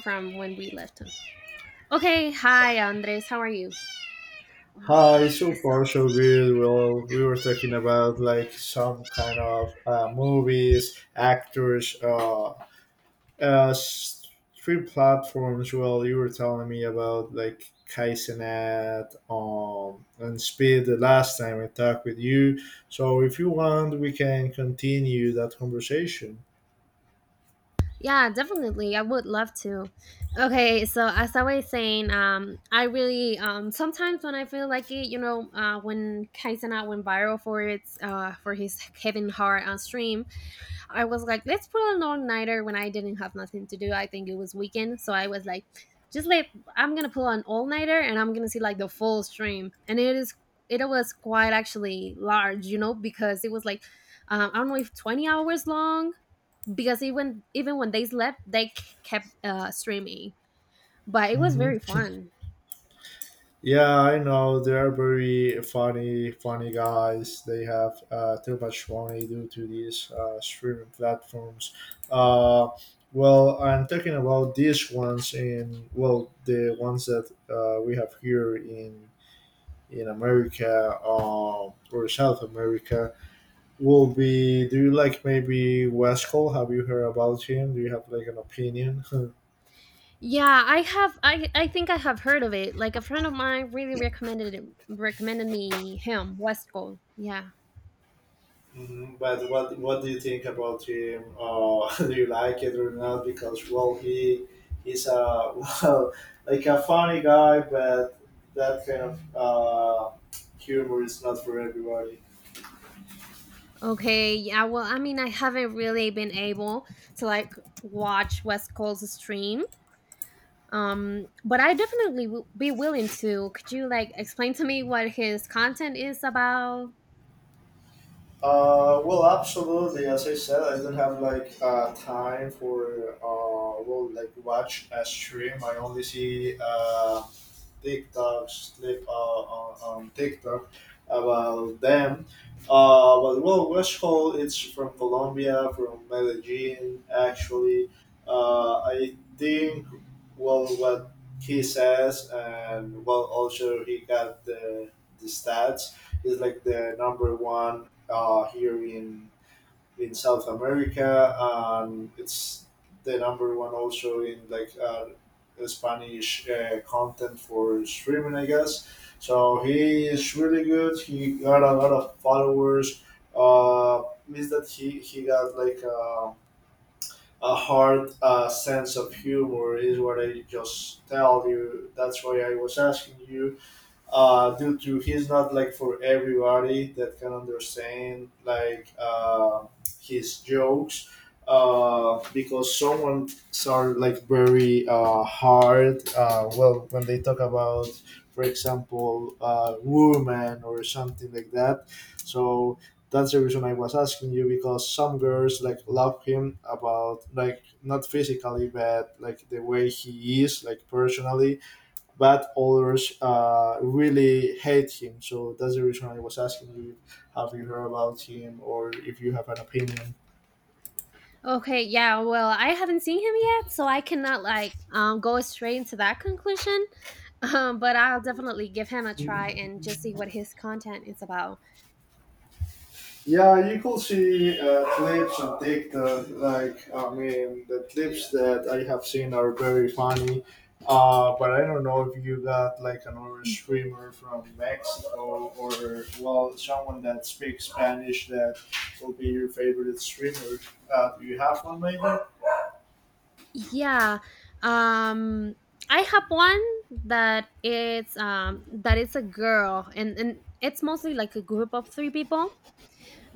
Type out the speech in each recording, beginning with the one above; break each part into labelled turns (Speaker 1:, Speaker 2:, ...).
Speaker 1: From when we left him. Okay, hi Andres, how are you? Oh my
Speaker 2: Hi,
Speaker 1: gosh,
Speaker 2: so
Speaker 1: this
Speaker 2: far so good. Well, we were
Speaker 1: sounds.
Speaker 2: talking about like some kind of movies, actors, stream platforms. Well, you were telling me about like Kaizenet and Speed the last time I talked with you. So if you want, we can continue that conversation.
Speaker 1: Yeah, definitely. I would love to. Okay, so as I was saying, I really sometimes when I feel like it, when Kaisana went viral for its for his Kevin Hart on stream, I was like, let's pull an all nighter when I didn't have nothing to do. I think it was weekend. So I was like, just like I'm gonna pull an all nighter and I'm gonna see like the full stream. And it was quite actually large, because it was like I don't know if 20 hours long because even when they slept, they kept streaming. But it was
Speaker 2: Mhm.
Speaker 1: very fun.
Speaker 2: Yeah, I know they're very funny, funny guys. They have too much money due to these streaming platforms. Uh, well, I'm talking about these ones in well, the ones that we have here in America or South America will be. Do you like maybe West Cole? Have you heard about him? Do you have like an opinion?
Speaker 1: Yeah, I have. I think I have heard of it. Like a friend of mine really recommended it. Recommended me him West Coast. Yeah.
Speaker 2: Mhm. But what do you think about him? Do you like it or not? Because well, he's a well, like a funny guy, but that kind of humor is not for everybody.
Speaker 1: Okay, yeah, well, I mean, I haven't really been able to like watch West Coast stream. But I definitely will be willing to. Could you like explain to me what his content is about?
Speaker 2: Well, absolutely. As I said, I don't have like time for well, like watch a stream. I only see TikToks, clip on TikTok about them. But well, West Hall, it's from Colombia, from Medellin, actually. I think well, what he says, and well, also he got the stats. He's like the number one here in South America, and it's the number one also in like Spanish content for streaming, I guess. So he is really good. He got a lot of followers. Means that he got like a hard sense of humor is what I just tell you. That's why I was asking you due to he's not like for everybody that can understand like his jokes because someone are like very hard well when they talk about for example women or something like that so that's the reason I was asking you because some girls like love him about like not physically but like the way he is like personally but others really hate him. So that's the reason I was asking you, have you heard about him or if you have an opinion?
Speaker 1: Okay, yeah, well, I haven't seen him yet, so I cannot like go straight into that conclusion. But I'll definitely give him a try and just see what his content is about.
Speaker 2: Yeah, you could see clips on TikTok. Like, I mean, the clips that I have seen are very funny. But I don't know if you got like another streamer from Mexico or well, someone that speaks Spanish that will be your favorite streamer. Do you have one maybe?
Speaker 1: Yeah. Um I have one that it's a girl and it's mostly like a group of three people.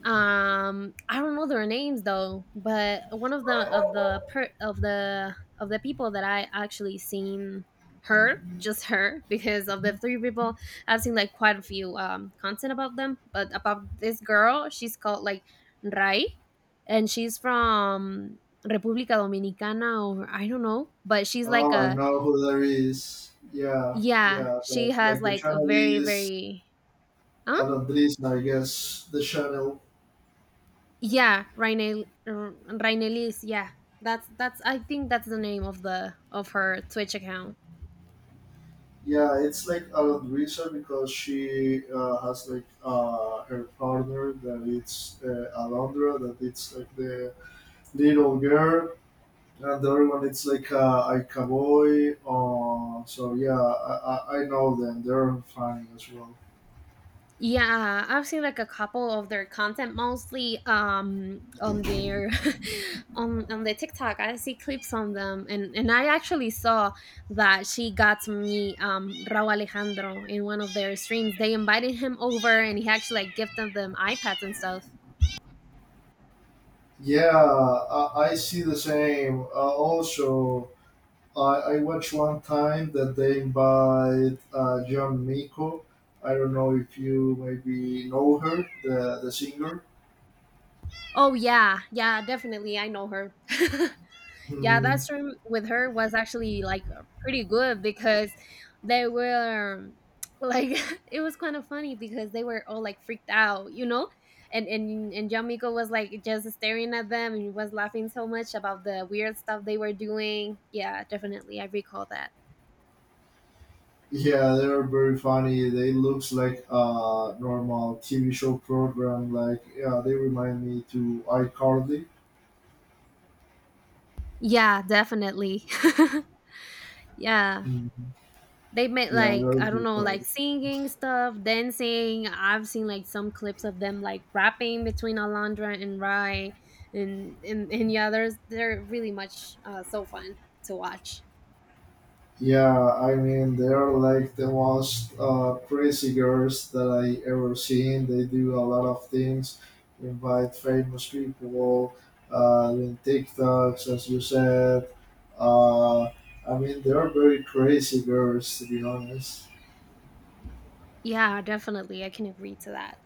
Speaker 1: I don't know their names though, but one of the people that I actually seen her just her because of the three people. I've seen like quite a few content about them, but about this girl she's called like Rai, and she's from republica dominicana or I don't know, but she's like
Speaker 2: Oh, I
Speaker 1: a...
Speaker 2: know who that is. Yeah,
Speaker 1: Yeah,
Speaker 2: yeah.
Speaker 1: she has
Speaker 2: Like the
Speaker 1: like a
Speaker 2: channel
Speaker 1: very
Speaker 2: is
Speaker 1: very I
Speaker 2: Alan Drisner, I guess. The channel.
Speaker 1: Yeah, Rainel Rainelis. Yeah, that's. I think that's the name of her Twitch account.
Speaker 2: Yeah, it's like Alan Drisner because she has like her partner that it's Alondra, that it's like the little girl. And the other one, it's like a cowboy. So yeah, I know them. They're funny as well.
Speaker 1: Yeah, I've seen like a couple of their content, mostly on their on the TikTok. I see clips on them, and I actually saw that she got to meet Raúl Alejandro in one of their streams. They invited him over, and he actually like gifted them iPads and stuff.
Speaker 2: Yeah, I see the same. Also, I watched one time that they invite John Miko. I don't know if you maybe know her, the singer.
Speaker 1: Oh yeah, yeah, definitely. I know her. Yeah, that
Speaker 2: Hmm.
Speaker 1: stream with her was actually like pretty good because they were like it was kind of funny because they were all like freaked out, and and John Miko was like just staring at them and was laughing so much about the weird stuff they were doing. Yeah, definitely, I recall that.
Speaker 2: Yeah, they are very funny. They looks like a normal TV show program. Like yeah, they remind me to iCarly.
Speaker 1: Yeah, definitely. Yeah.
Speaker 2: Mhm.
Speaker 1: They made
Speaker 2: Yeah,
Speaker 1: like
Speaker 2: they're
Speaker 1: I don't know, like
Speaker 2: good.
Speaker 1: singing stuff, dancing. I've seen like some clips of them like rapping between Alondra and Rai, and yeah, there's they're really much so fun to watch.
Speaker 2: Yeah, I mean they're like the most crazy girls that I ever seen. They do a lot of things, invite famous people, doing TikToks, as you said. Uh, I mean they're very crazy girls to be honest.
Speaker 1: Yeah, definitely, I can agree to that.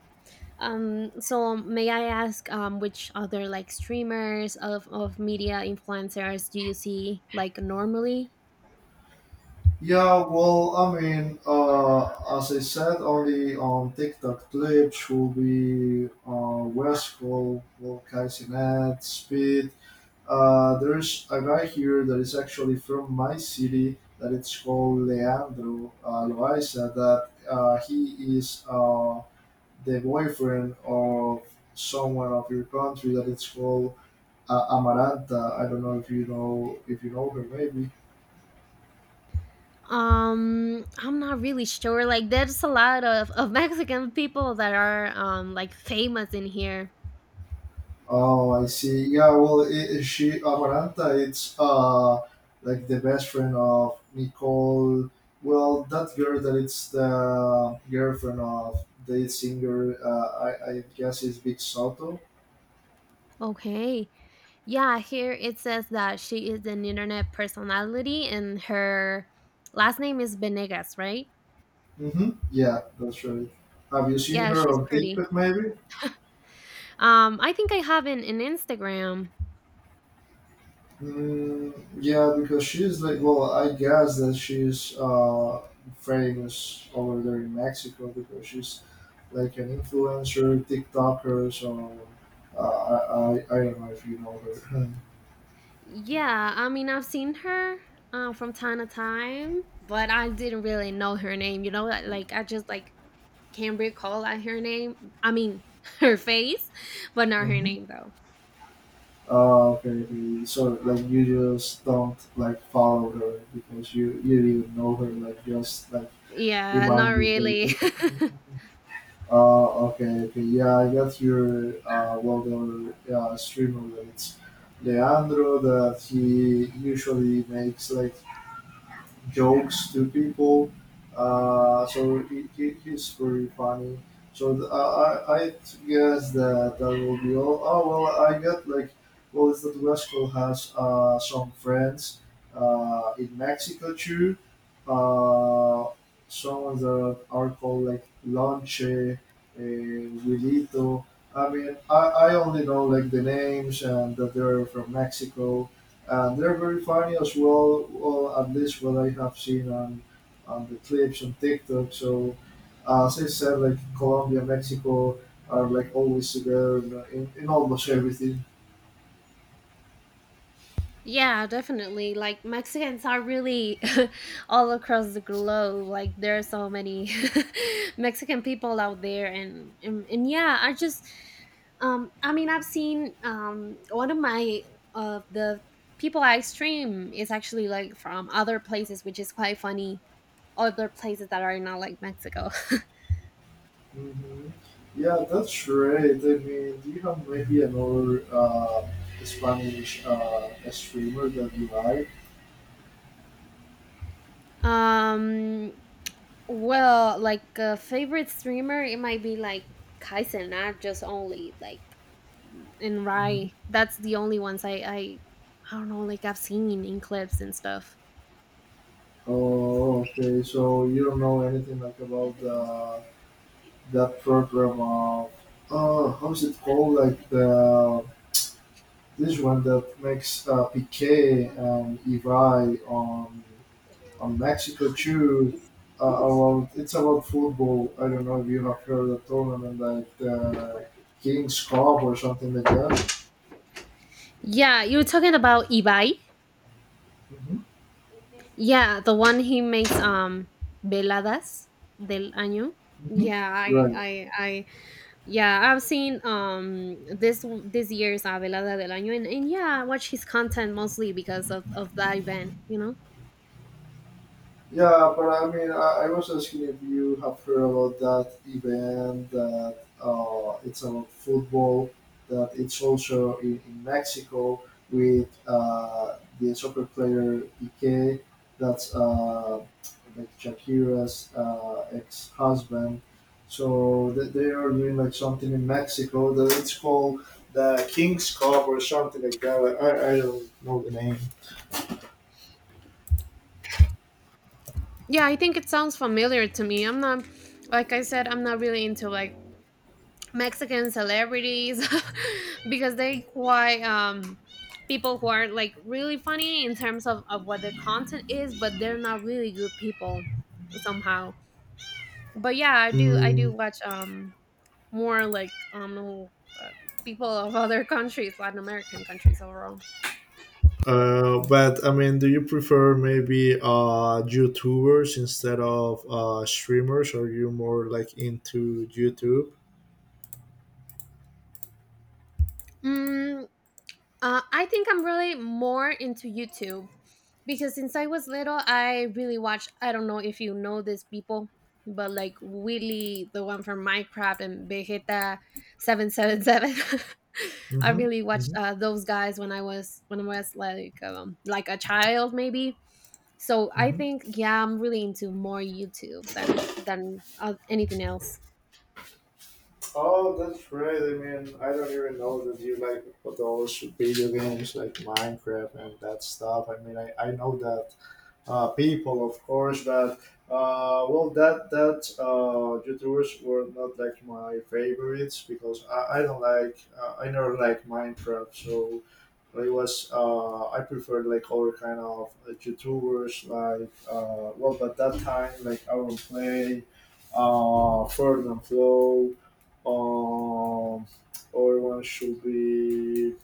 Speaker 1: So may I ask, which other like streamers of media influencers do you see like normally?
Speaker 2: Yeah, well, I mean, as I said, only on TikTok clips will be West Coast, Will Speed. There's a guy here that is actually from my city that it's called Leandro Loaiza that he is the boyfriend of someone of your country that it's called Amaranta. I don't know if you know if you know her maybe.
Speaker 1: I'm not really sure. Like, there's a lot of Mexican people that are like famous in here.
Speaker 2: Oh, I see. Yeah, well, she Amaranta, it's like the best friend of Nicole. Well, that girl that it's the girlfriend of the singer. I guess is Big Soto.
Speaker 1: Okay. Yeah, here it says that she is an internet personality and her last name is Benegas, right?
Speaker 2: Mm-hmm. Yeah, that's right. Have you seen
Speaker 1: Yeah,
Speaker 2: her
Speaker 1: she's
Speaker 2: on
Speaker 1: pretty.
Speaker 2: TikTok maybe?
Speaker 1: I think I have an Instagram.
Speaker 2: Mm, yeah, because she's like, well, I guess that she's famous over there in Mexico because she's like an influencer, TikToker. So I don't know if you know her.
Speaker 1: Yeah, I mean, I've seen her from time to time, but I didn't really know her name, you know? Like, I just like can't recall at her name. I mean, her face, but not her
Speaker 2: Mhm.
Speaker 1: name though.
Speaker 2: Okay, okay. so like you just don't like follow her because you didn't know her. Like just like
Speaker 1: Yeah, not
Speaker 2: remind you
Speaker 1: really.
Speaker 2: later. Okay, okay. Yeah, I got your well the streamer that it's Leandro that he usually makes like jokes to people. So he's very funny. So I guess that that will be all. Oh well, I get like well, it's that Wesco has some friends in Mexico too. Uh, some that are called like Lonche, Wilito. I mean, I only know like the names and that they're from Mexico and they're very funny as well, well at least what I have seen on the clips on TikTok. So, as I said, like Colombia, Mexico are like always together in, in almost everything.
Speaker 1: Yeah, definitely. Like Mexicans are really all across the globe. Like there are so many Mexican people out there, and yeah, I just I mean I've seen one of the people I stream is actually like from other places which is quite funny, other places that are not like Mexico.
Speaker 2: Hmm Yeah, that's right. I mean, do you have maybe another Spanish streamer that you like?
Speaker 1: um Well, like a favorite streamer, it might be like Kaisen, not just only like and
Speaker 2: Mhm.
Speaker 1: Rai. That's the only ones I I don't know, like I've seen in clips and stuff.
Speaker 2: Oh, okay. So you don't know anything like about the that program of oh how's it called? Like the this one that makes Piquet and Ibai on Mexico too. About, it's about football. I don't know if you have heard of the tournament like the King's Cup or something like that.
Speaker 1: Yeah, you were talking about Ibai.
Speaker 2: Mhm,
Speaker 1: Yeah, the one he makes veladas del año.
Speaker 2: mhm.
Speaker 1: Yeah, I
Speaker 2: Right.
Speaker 1: I I yeah, I've seen this year's velada del año, and yeah, I watch his content mostly because of that event, you know.
Speaker 2: Yeah, but I mean, I was asking if you have heard about that event that it's about football, that it's also in Mexico with the soccer player Piqué, that's like Shakira's ex husband. So they are doing like something in Mexico that it's called the King's Cup or something like that. I don't know the name.
Speaker 1: Yeah, I think it sounds familiar to me. I'm not, like I said, I'm not really into like Mexican celebrities because they quite people who are like really funny in terms of what their content is, but they're not really good people somehow. But yeah, I do
Speaker 2: Mm.
Speaker 1: watch more like uh, people of other countries, Latin American countries overall.
Speaker 2: But I mean, do you prefer maybe YouTubers instead of streamers? Are you more like into YouTube?
Speaker 1: Mm, I think I'm really more into YouTube because since I was little, I really watched. I don't know if you know these people, but like Willy, the one from Minecraft, and Vegeta 777. I
Speaker 2: Mm-hmm.
Speaker 1: really watched
Speaker 2: Mm-hmm.
Speaker 1: those guys when I was like a child, maybe. So I
Speaker 2: Mm-hmm.
Speaker 1: think yeah, I'm really into more YouTube than anything else.
Speaker 2: Oh, that's right. I mean, I don't even know that you like those video games like Minecraft and that stuff. I mean, I know that people, of course. But well, that that YouTubers were not like my favorites because I don't like I never like Minecraft, so it was I preferred like other kind of YouTubers like well, but that time like Aaron Play, Ferdinand Flow, um, other one should be.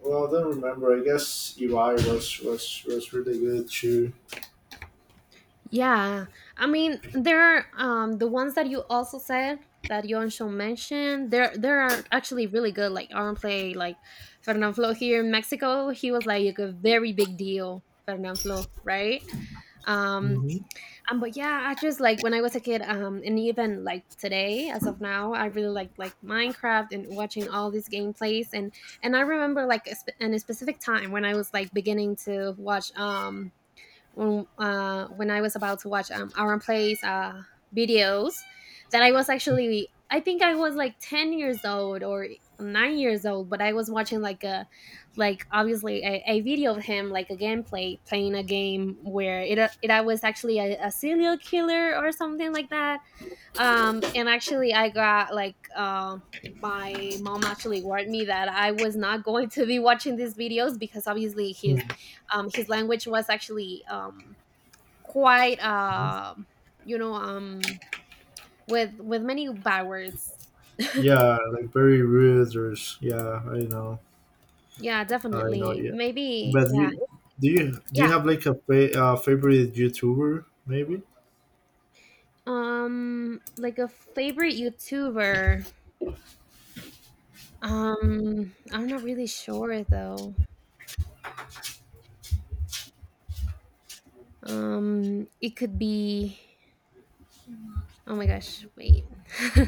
Speaker 2: Well, I don't remember. I guess Eli was was really good too.
Speaker 1: Yeah, I mean there are the ones that you also said that Yonsho mentioned. There are actually really good like arm play like Fernand Flo here in Mexico. He was like a very big deal. Fernand Flo, right? Um,
Speaker 2: Mhm.
Speaker 1: but yeah, I just like when I was a kid, and even like today, as of now, I really like Minecraft and watching all these gameplays, and I remember like in a specific time when I was like beginning to watch when I was about to watch Aaron plays videos that I think I was like 10 years old or 9 years old, but I was watching like obviously a video of him like a gameplay playing a game where it I was actually a serial killer or something like that, and actually I got like my mom actually warned me that I was not going to be watching these videos because obviously his
Speaker 2: Mhm.
Speaker 1: um his language was actually quite you know um with many bad words.
Speaker 2: Yeah, like very rude or yeah, I know,
Speaker 1: Yeah,
Speaker 2: I know.
Speaker 1: definitely,
Speaker 2: Yeah,
Speaker 1: maybe,
Speaker 2: but
Speaker 1: yeah.
Speaker 2: you do you do
Speaker 1: Yeah,
Speaker 2: you have like a favorite YouTuber maybe?
Speaker 1: like a favorite YouTuber, I'm not really sure though, it could be... Oh my gosh, wait.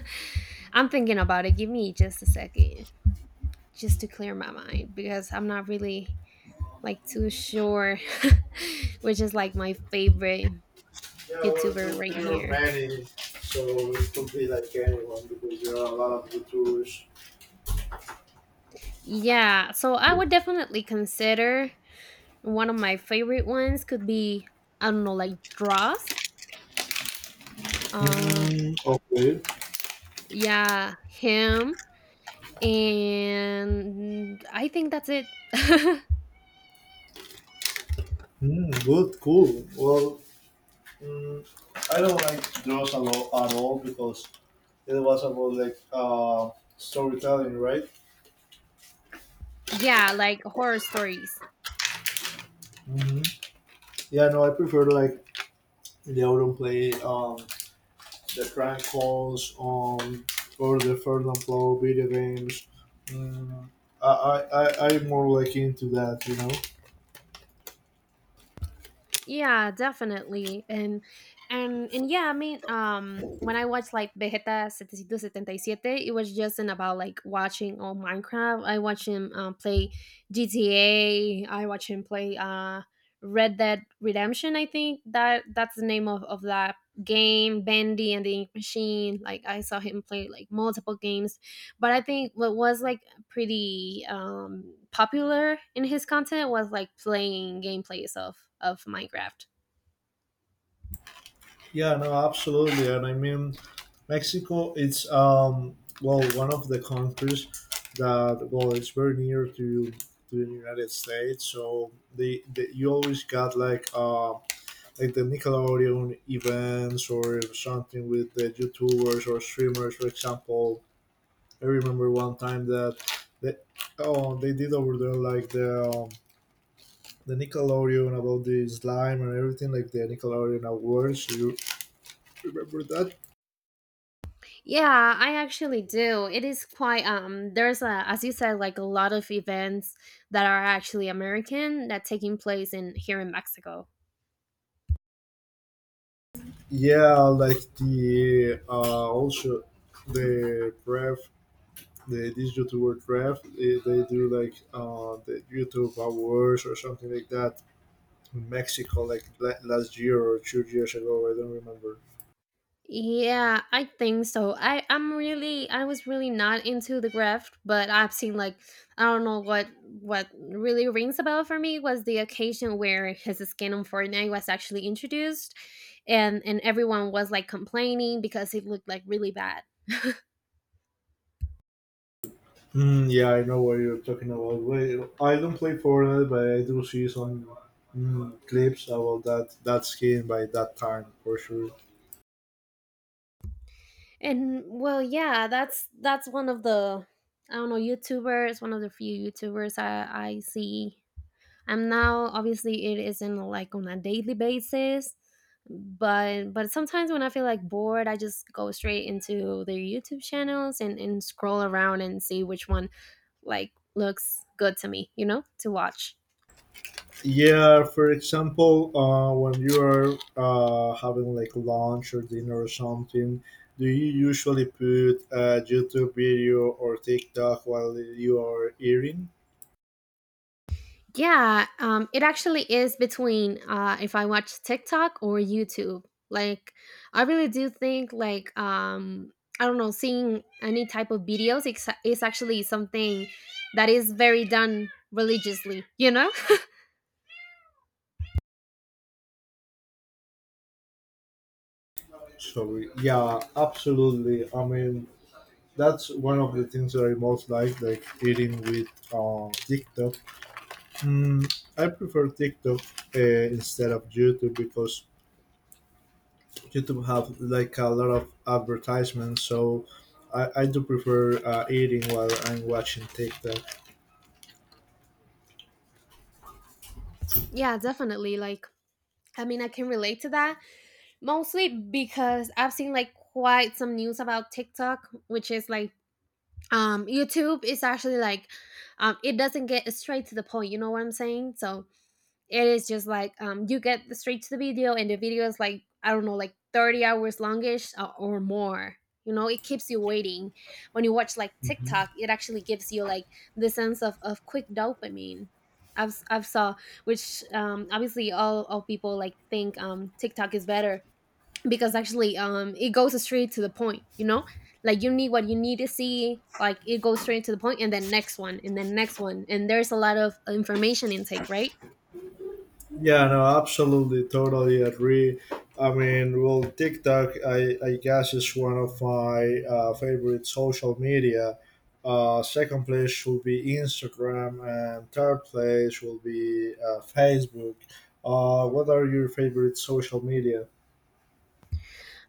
Speaker 1: I'm thinking about it. Give me just a second just to clear my mind because I'm not really like too sure which is like my favorite
Speaker 2: Yeah, well,
Speaker 1: YouTuber right
Speaker 2: there are
Speaker 1: here.
Speaker 2: many, so it could be like anyone because there are a lot of YouTubers.
Speaker 1: Yeah, so I would definitely consider one of my favorite ones could be I don't know like Dross. Uh
Speaker 2: Mm, okay.
Speaker 1: yeah, him and I think that's it.
Speaker 2: Mm, good, cool. Well, mm, I don't like those a lot at all because it was about like storytelling, right?
Speaker 1: Yeah, like horror stories.
Speaker 2: hmm Yeah, no, I prefer like they also play the prank calls or the third and flow video games. Mm, I, I, I'm more like into that, you know?
Speaker 1: Yeah, definitely. And yeah, I mean, when I watched like Vegeta 777, it was just in about like watching all Minecraft. I watch him play GTA, I watch him play Red Dead Redemption, I think that that's the name of that game, Bendy and the Ink Machine. Like I saw him play like multiple games. But I think what was like pretty popular in his content was like playing gameplays of Minecraft.
Speaker 2: Yeah, no, absolutely. And I mean, Mexico, it's, well, one of the countries that, well, it's very near to the United States. So they you always got like the Nickelodeon events or something with the YouTubers or streamers, for example, I remember one time that oh they did over there like the Nickelodeon about the slime and everything like the Nickelodeon awards. You remember that?
Speaker 1: Yeah, I actually do. It is quite there's a as you said like a lot of events that are actually American that taking place in here in Mexico.
Speaker 2: Yeah, like the also the ref the this YouTuber ref they do like the YouTube awards or something like that in Mexico like last year or two years ago. I don't remember.
Speaker 1: Yeah, I think so. I was really not into the graft, but I've seen like I don't know what really rings a bell for me was the occasion where his skin on Fortnite was actually introduced, and everyone was like complaining because it looked like really bad.
Speaker 2: Mm, yeah, I know what you're talking about. Well, I don't play Fortnite, but I do see some mm, clips about that that skin by that time for sure.
Speaker 1: And well, yeah, that's one of the I don't know YouTubers, one of the few YouTubers I see, and now obviously it isn't like on a daily basis but sometimes when I feel like bored I just go straight into their YouTube channels and scroll around and see which one like looks good to me to watch.
Speaker 2: Yeah, for example, when you are having like lunch or dinner or something, do you usually put a YouTube video or TikTok while you are eating?
Speaker 1: Yeah, it actually is between if I watch TikTok or YouTube, like I really do think like I don't know, seeing any type of videos is actually something that is very done religiously, you know.
Speaker 2: So yeah, absolutely. I mean, that's one of the things that I most like eating with TikTok. Mm, I prefer TikTok instead of YouTube because YouTube have like a lot of advertisements. So I do prefer eating while I'm watching TikTok.
Speaker 1: Yeah, definitely. Like, I mean, I can relate to that mostly because I've seen like quite some news about TikTok, which is like YouTube is actually like it doesn't get straight to the point, you know what I'm saying? So it is just like you get straight to the video and the video is like I don't know, like 30 hours longish or more. You know, it keeps you waiting. When you watch like
Speaker 2: Mhm.
Speaker 1: TikTok, it actually gives you like the sense of quick dopamine. I've saw, which obviously all people like think, TikTok is better because actually it goes straight to the point, you know. Like you need what you need to see, like it goes straight to the point and then next one and then next one, and there's a lot of information intake, right?
Speaker 2: Yeah, no, absolutely, totally agree. I mean, well, TikTok, I guess, is one of my favorite social media. Second place will be Instagram, and third place will be Facebook. What are your favorite social media?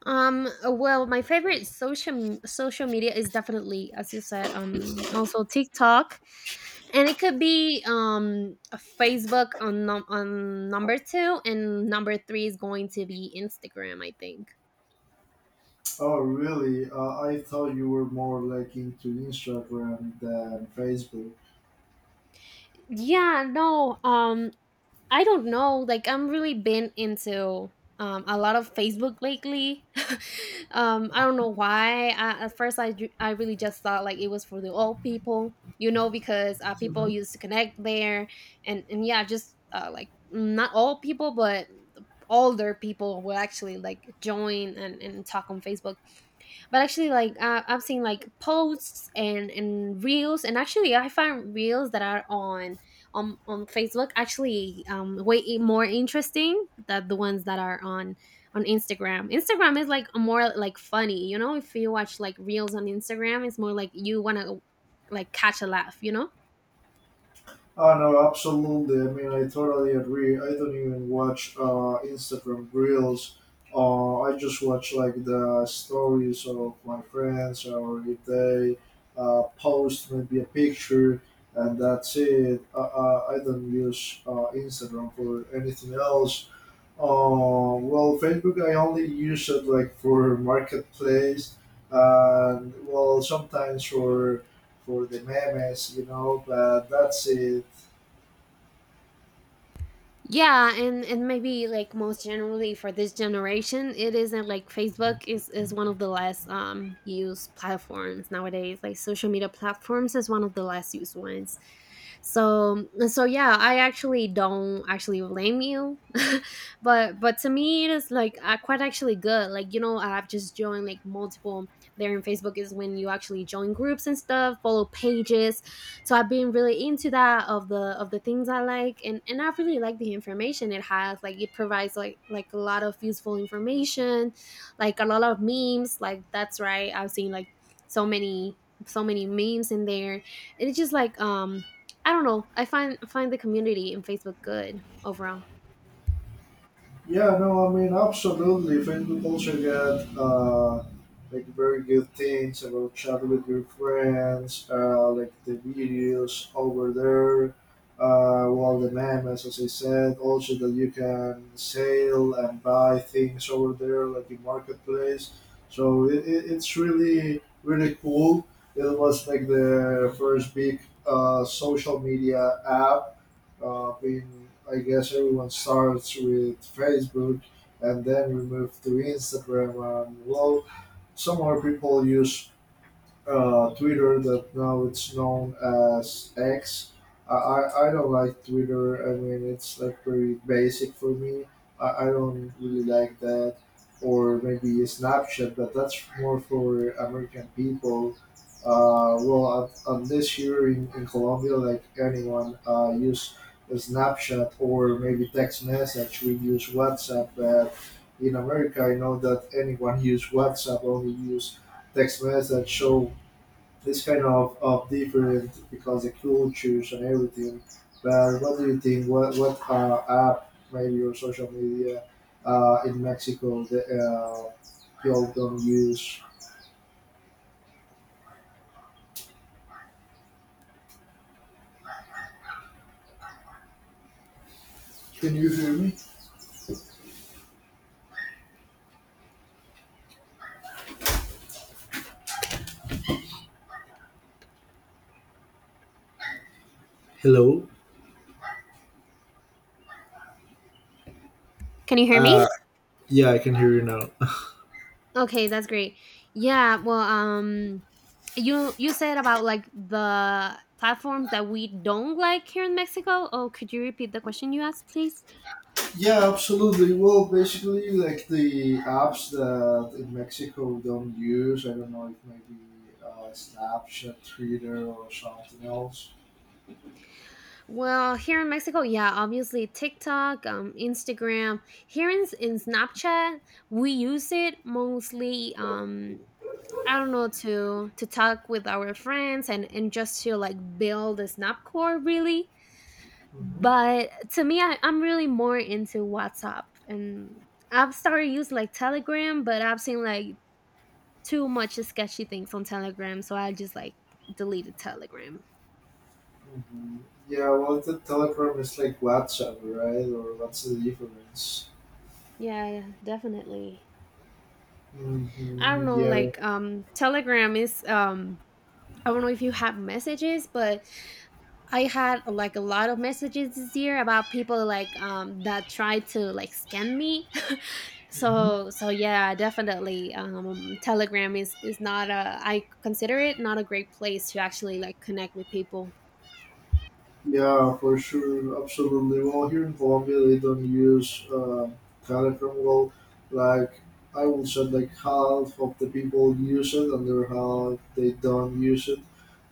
Speaker 1: Well, my favorite social media is definitely, as you said, also TikTok, and it could be a Facebook on on number two, and number three is going to be Instagram, I think.
Speaker 2: Oh, really? I thought you were more like into Instagram than Facebook.
Speaker 1: Yeah, no, I don't know. Like I'm really been into a lot of Facebook lately. Um, I don't know why. I, at first, I really just thought like it was for the old people, you know, because people
Speaker 2: Mhm.
Speaker 1: used to connect there, and yeah, just like not all people, but older people will actually like join and talk on Facebook. But actually like I've seen like posts and reels, and actually I find reels that are on on Facebook actually way more interesting than the ones that are on Instagram. Instagram is like a more like funny, you know. If you watch like reels on Instagram, it's more like you want to like catch a laugh, you know.
Speaker 2: Oh, no, absolutely. I mean, I totally agree. I don't even watch Instagram reels. I just watch like the stories of my friends, or if they post maybe a picture, and that's it. I don't use Instagram for anything else. Oh, well, Facebook I only use it like for marketplace and well sometimes for the memes, but that's it.
Speaker 1: Yeah, and maybe like most generally for this generation it is isn't, like Facebook is one of the less used platforms nowadays, like social media platforms, is one of the less used ones. So yeah, I actually don't actually blame you. But to me it is like quite actually good. Like, you know, I've just joined like multiple, there in Facebook is when you actually join groups and stuff, follow pages. So I've been really into that, of the things I like, and I really like the information it has, like it provides like a lot of useful information, like a lot of memes. Like that's right, I've seen like so many, so many memes in there, and it's just like um, I don't know, I find the community in Facebook good overall.
Speaker 2: Yeah, no, I mean, absolutely. Facebook also got like very good things about chat with your friends, like the videos over there, well, the memes, as I said, also that you can sell and buy things over there, like in marketplace. So it's really, really cool. It was like the first big social media app been I guess everyone starts with Facebook and then we move to Instagram and well some more people use Twitter that now it's known as X. I don't like Twitter. I mean, it's like very basic for me. I don't really like that. Or maybe Snapchat, but that's more for American people. Well, at least here in Colombia, like anyone use Snapchat or maybe text message. We use WhatsApp. But in America, I know that anyone use WhatsApp, only use text message. So this kind of different because the cultures and everything. But what do you think? What app maybe or social media in Mexico that people don't use? Can you hear me? Hello.
Speaker 1: Can you hear me?
Speaker 2: Uh, yeah, I can hear you now.
Speaker 1: Okay, that's great. Yeah, well, you said about like the platforms that we don't like here in Mexico. Oh, could you repeat the question you asked, please?
Speaker 2: Yeah, absolutely. Well, basically, like the apps that in Mexico don't use. I don't know if maybe Snapchat, Twitter, or something else.
Speaker 1: Well, here in Mexico, yeah, obviously TikTok, Instagram. Here in Snapchat, we use it mostly. I don't know, to talk with our friends and just to like build a Snapcore really. But to me, I, I'm really more into WhatsApp. And I've started using like Telegram, but I've seen like too much sketchy things on Telegram, so I just like deleted Telegram.
Speaker 2: Mhm. Yeah, well, the Telegram is like WhatsApp, right? Or what's the difference?
Speaker 1: Yeah, definitely. I don't
Speaker 2: Hmm.
Speaker 1: know,
Speaker 2: Yeah,
Speaker 1: like um, Telegram is um, I don't know if you have messages, but I had like a lot of messages this year about people like that tried to like scam me.
Speaker 2: hmm,
Speaker 1: So yeah, definitely Telegram is not a, I consider it not a great place to actually like connect with people.
Speaker 2: yeah, for sure, absolutely. Well, here in Colombia, they don't use Telegram. Well, like I would say, like half of the people use it, and the other half they don't use it.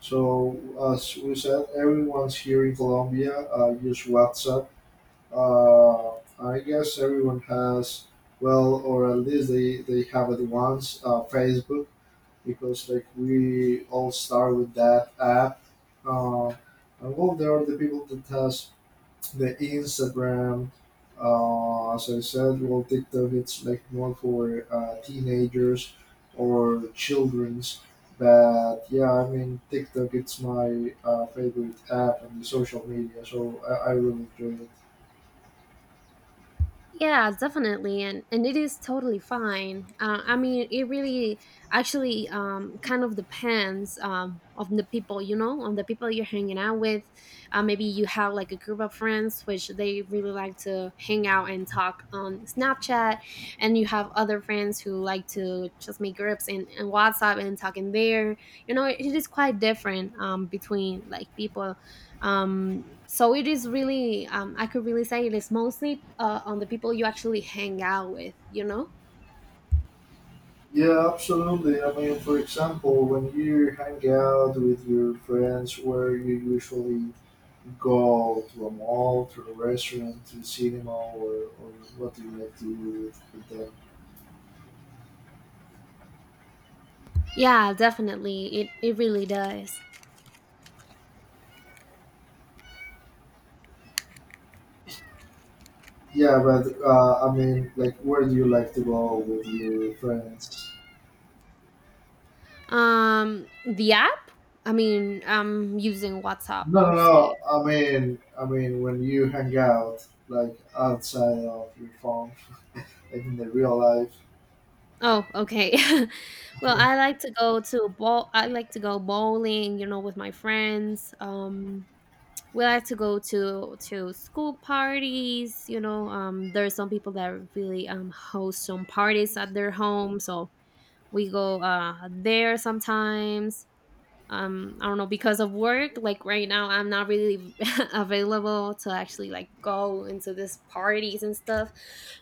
Speaker 2: So, as we said, everyone's here in Colombia use WhatsApp. Uh, I guess everyone has, well, or at least they have it once, Facebook, because like we all start with that app. Uh, and well, there are the people that has the Instagram. As I said, well, TikTok it's like more for teenagers or childrens. But yeah, I mean, TikTok it's my favorite app on the social media, so I really enjoy it.
Speaker 1: Yeah, definitely, and it is totally fine. I mean, it really actually kind of depends on the people, you know, on the people you're hanging out with. Maybe you have like a group of friends which they really like to hang out and talk on Snapchat, and you have other friends who like to just make groups in WhatsApp and talk in there. You know, it is quite different between like people um, so it is really um, I could really say it is mostly on the people you actually hang out with, you know.
Speaker 2: Yeah, absolutely. I mean, for example, when you hang out with your friends, where you usually go to a mall, to a restaurant, to cinema, or what do you like to do with them?
Speaker 1: Yeah, definitely, it really does.
Speaker 2: Yeah, but I mean, like, where do you like to go with your friends?
Speaker 1: Um, the app, I mean, I'm using WhatsApp
Speaker 2: No, no,
Speaker 1: mostly.
Speaker 2: no. I mean, when you hang out, like outside of your phone, like in the real life.
Speaker 1: Oh, okay. Well, I like to go bowling, you know, with my friends. Um, we like to go to school parties, you know. Um, there are some people that really um, host some parties at their home, so we go there sometimes. Um, I don't know, because of work, like right now I'm not really available to actually like go into this parties and stuff.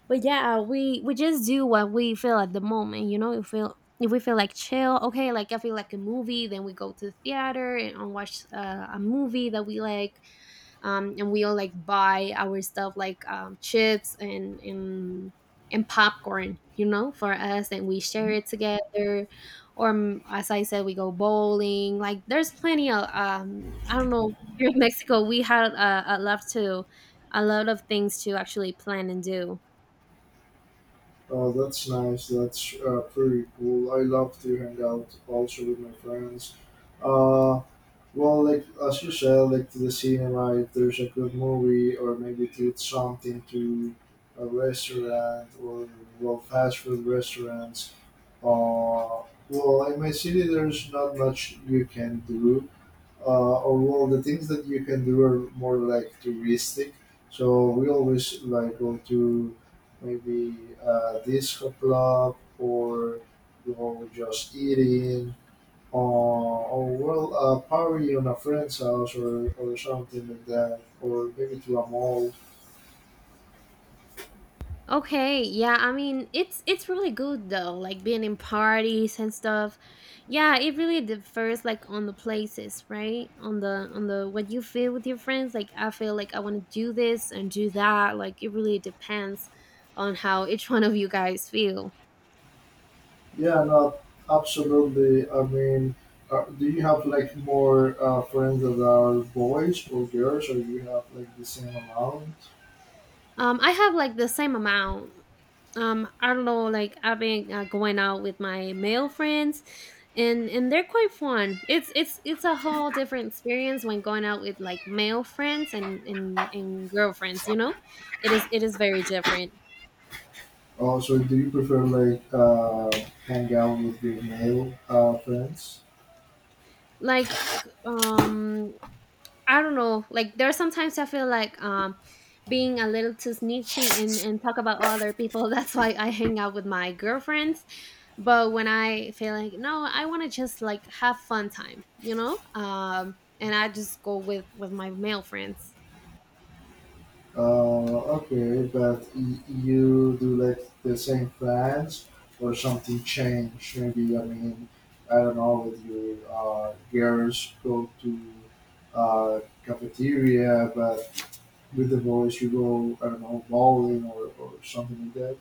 Speaker 1: But yeah, we just do what we feel at the moment, you know. If we feel like chill, okay, like I feel like a movie, then we go to the theater and watch a movie that we like. Um, and we all like buy our stuff like chips and and popcorn, you know, for us, and we share it together. Or mm, as I said, we go bowling. Like there's plenty of I don't know. Here in Mexico, we had a lot to, a lot of things to actually plan and do.
Speaker 2: Oh, that's nice. That's pretty cool. I love to hang out also with my friends. Uh, well, like as you said, like to the cinema, if there's a good movie, or maybe to eat something to a restaurant or well, fast food restaurants. Uh, well, in my city, there's not much you can do although the things that you can do are more like touristic. So we always like go to maybe a disco club or you know just eating or well a party on a friend's house or something like that or maybe to a mall.
Speaker 1: Okay, yeah, I mean it's really good though, like being in parties and stuff. Yeah, it really differs like on the places, right? On the what you feel with your friends. Like I feel like I want to do this and do that. Like it really depends on how each one of you guys feel.
Speaker 2: Yeah, no, absolutely. I mean. Do you have like more friends that are boys or girls, or you have like the same amount?
Speaker 1: I have like the same amount um, I don't know, like I've been going out with my male friends, and they're quite fun. It's it's a whole different experience when going out with like male friends and girlfriends, you know. It is very different.
Speaker 2: Oh, so do you prefer like hang out with your male friends?
Speaker 1: Like um, I don't know. Like there are sometimes I feel like um, being a little too snitchy and talk about other people. That's why I hang out with my girlfriends. But when I feel like no, I want to just like have fun time, you know. And I just go with my male friends.
Speaker 2: Uh, okay, but you do like the same plans or something change? Maybe I mean I don't know with your girls go to uh, cafeteria, but with the boys you go I don't know bowling or something like that.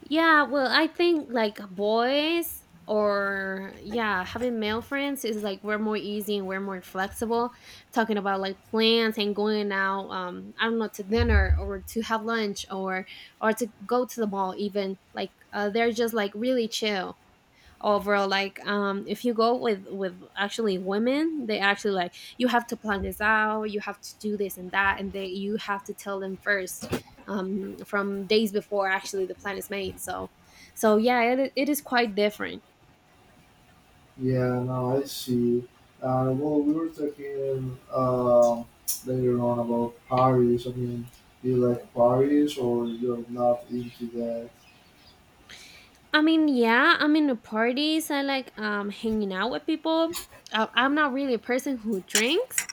Speaker 1: Yeah, well, I think like boys or yeah, having male friends is like we're more easy and we're more flexible. Talking about like plans and going out, I don't know, to dinner or to have lunch or to go to the mall even. Like they're just like really chill overall. Like um, if you go with actually women, they actually like, you have to plan this out, you have to do this and that, and they, you have to tell them first um, from days before actually the plan is made. So yeah, it is quite different.
Speaker 2: Yeah, no, I see. Well, we were talking later on about Paris. I mean, do you like Paris or you're not into that?
Speaker 1: I mean, yeah, I'm into parties. I like um, hanging out with people. I'm not really a person who drinks,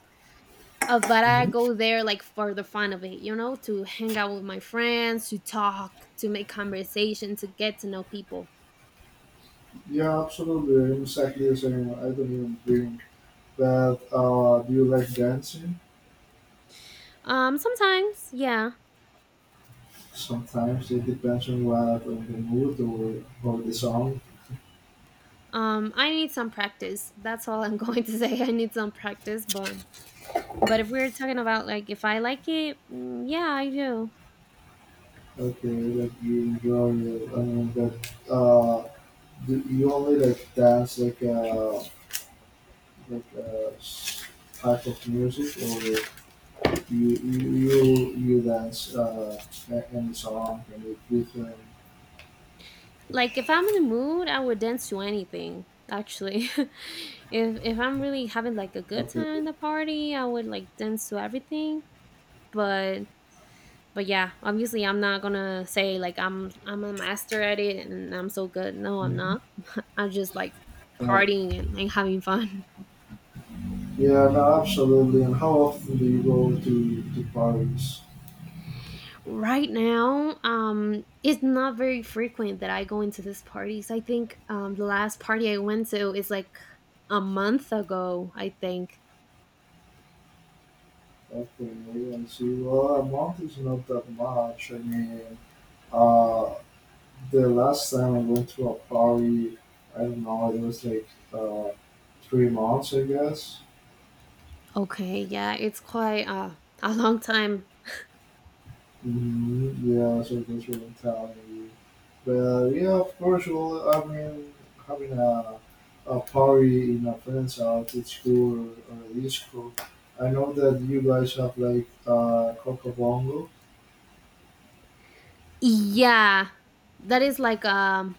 Speaker 1: but I
Speaker 2: Hmm.
Speaker 1: go there like for the fun of it, you know, to hang out with my friends, to talk, to make conversation, to get to know people.
Speaker 2: Yeah, absolutely. I'm exactly the same. I don't even drink. But do you like dancing?
Speaker 1: Sometimes, yeah.
Speaker 2: Sometimes it depends on what, on the mood or the song.
Speaker 1: I need some practice. That's all I'm going to say. I need some practice, but if we're talking about like if I like it, mm, yeah, I do.
Speaker 2: Okay, like you enjoy it. I mean, but do you only like dance like a type of music, or you you you, you dance any song, any different.
Speaker 1: Like if I'm in the mood, I would dance to anything. Actually, if I'm really having like a good time in
Speaker 2: Okay.
Speaker 1: the party, I would like dance to everything. But but yeah, obviously, I'm not gonna say like I'm a master at it and I'm so good. No, I'm
Speaker 2: Hmm.
Speaker 1: not. I'm just like
Speaker 2: Right.
Speaker 1: partying and having fun.
Speaker 2: Yeah, no, absolutely. And how often do you go to Paris?
Speaker 1: Right now um, it's not very frequent that I go into these parties. I think um, the last party I went to is like a month ago, I think.
Speaker 2: Okay, and see, well, a month is not that much. I mean, uh, the last time I went to a party, I don't know, it was like 3 months, I guess.
Speaker 1: Okay, yeah, it's quite a long time.
Speaker 2: Mm-hmm. Yeah, circus mentality. But yeah, of course, well, I mean, having a party in a friend's house, it's cool, or a disco. I know that you guys have like Coco Bongo.
Speaker 1: Yeah, that is like um,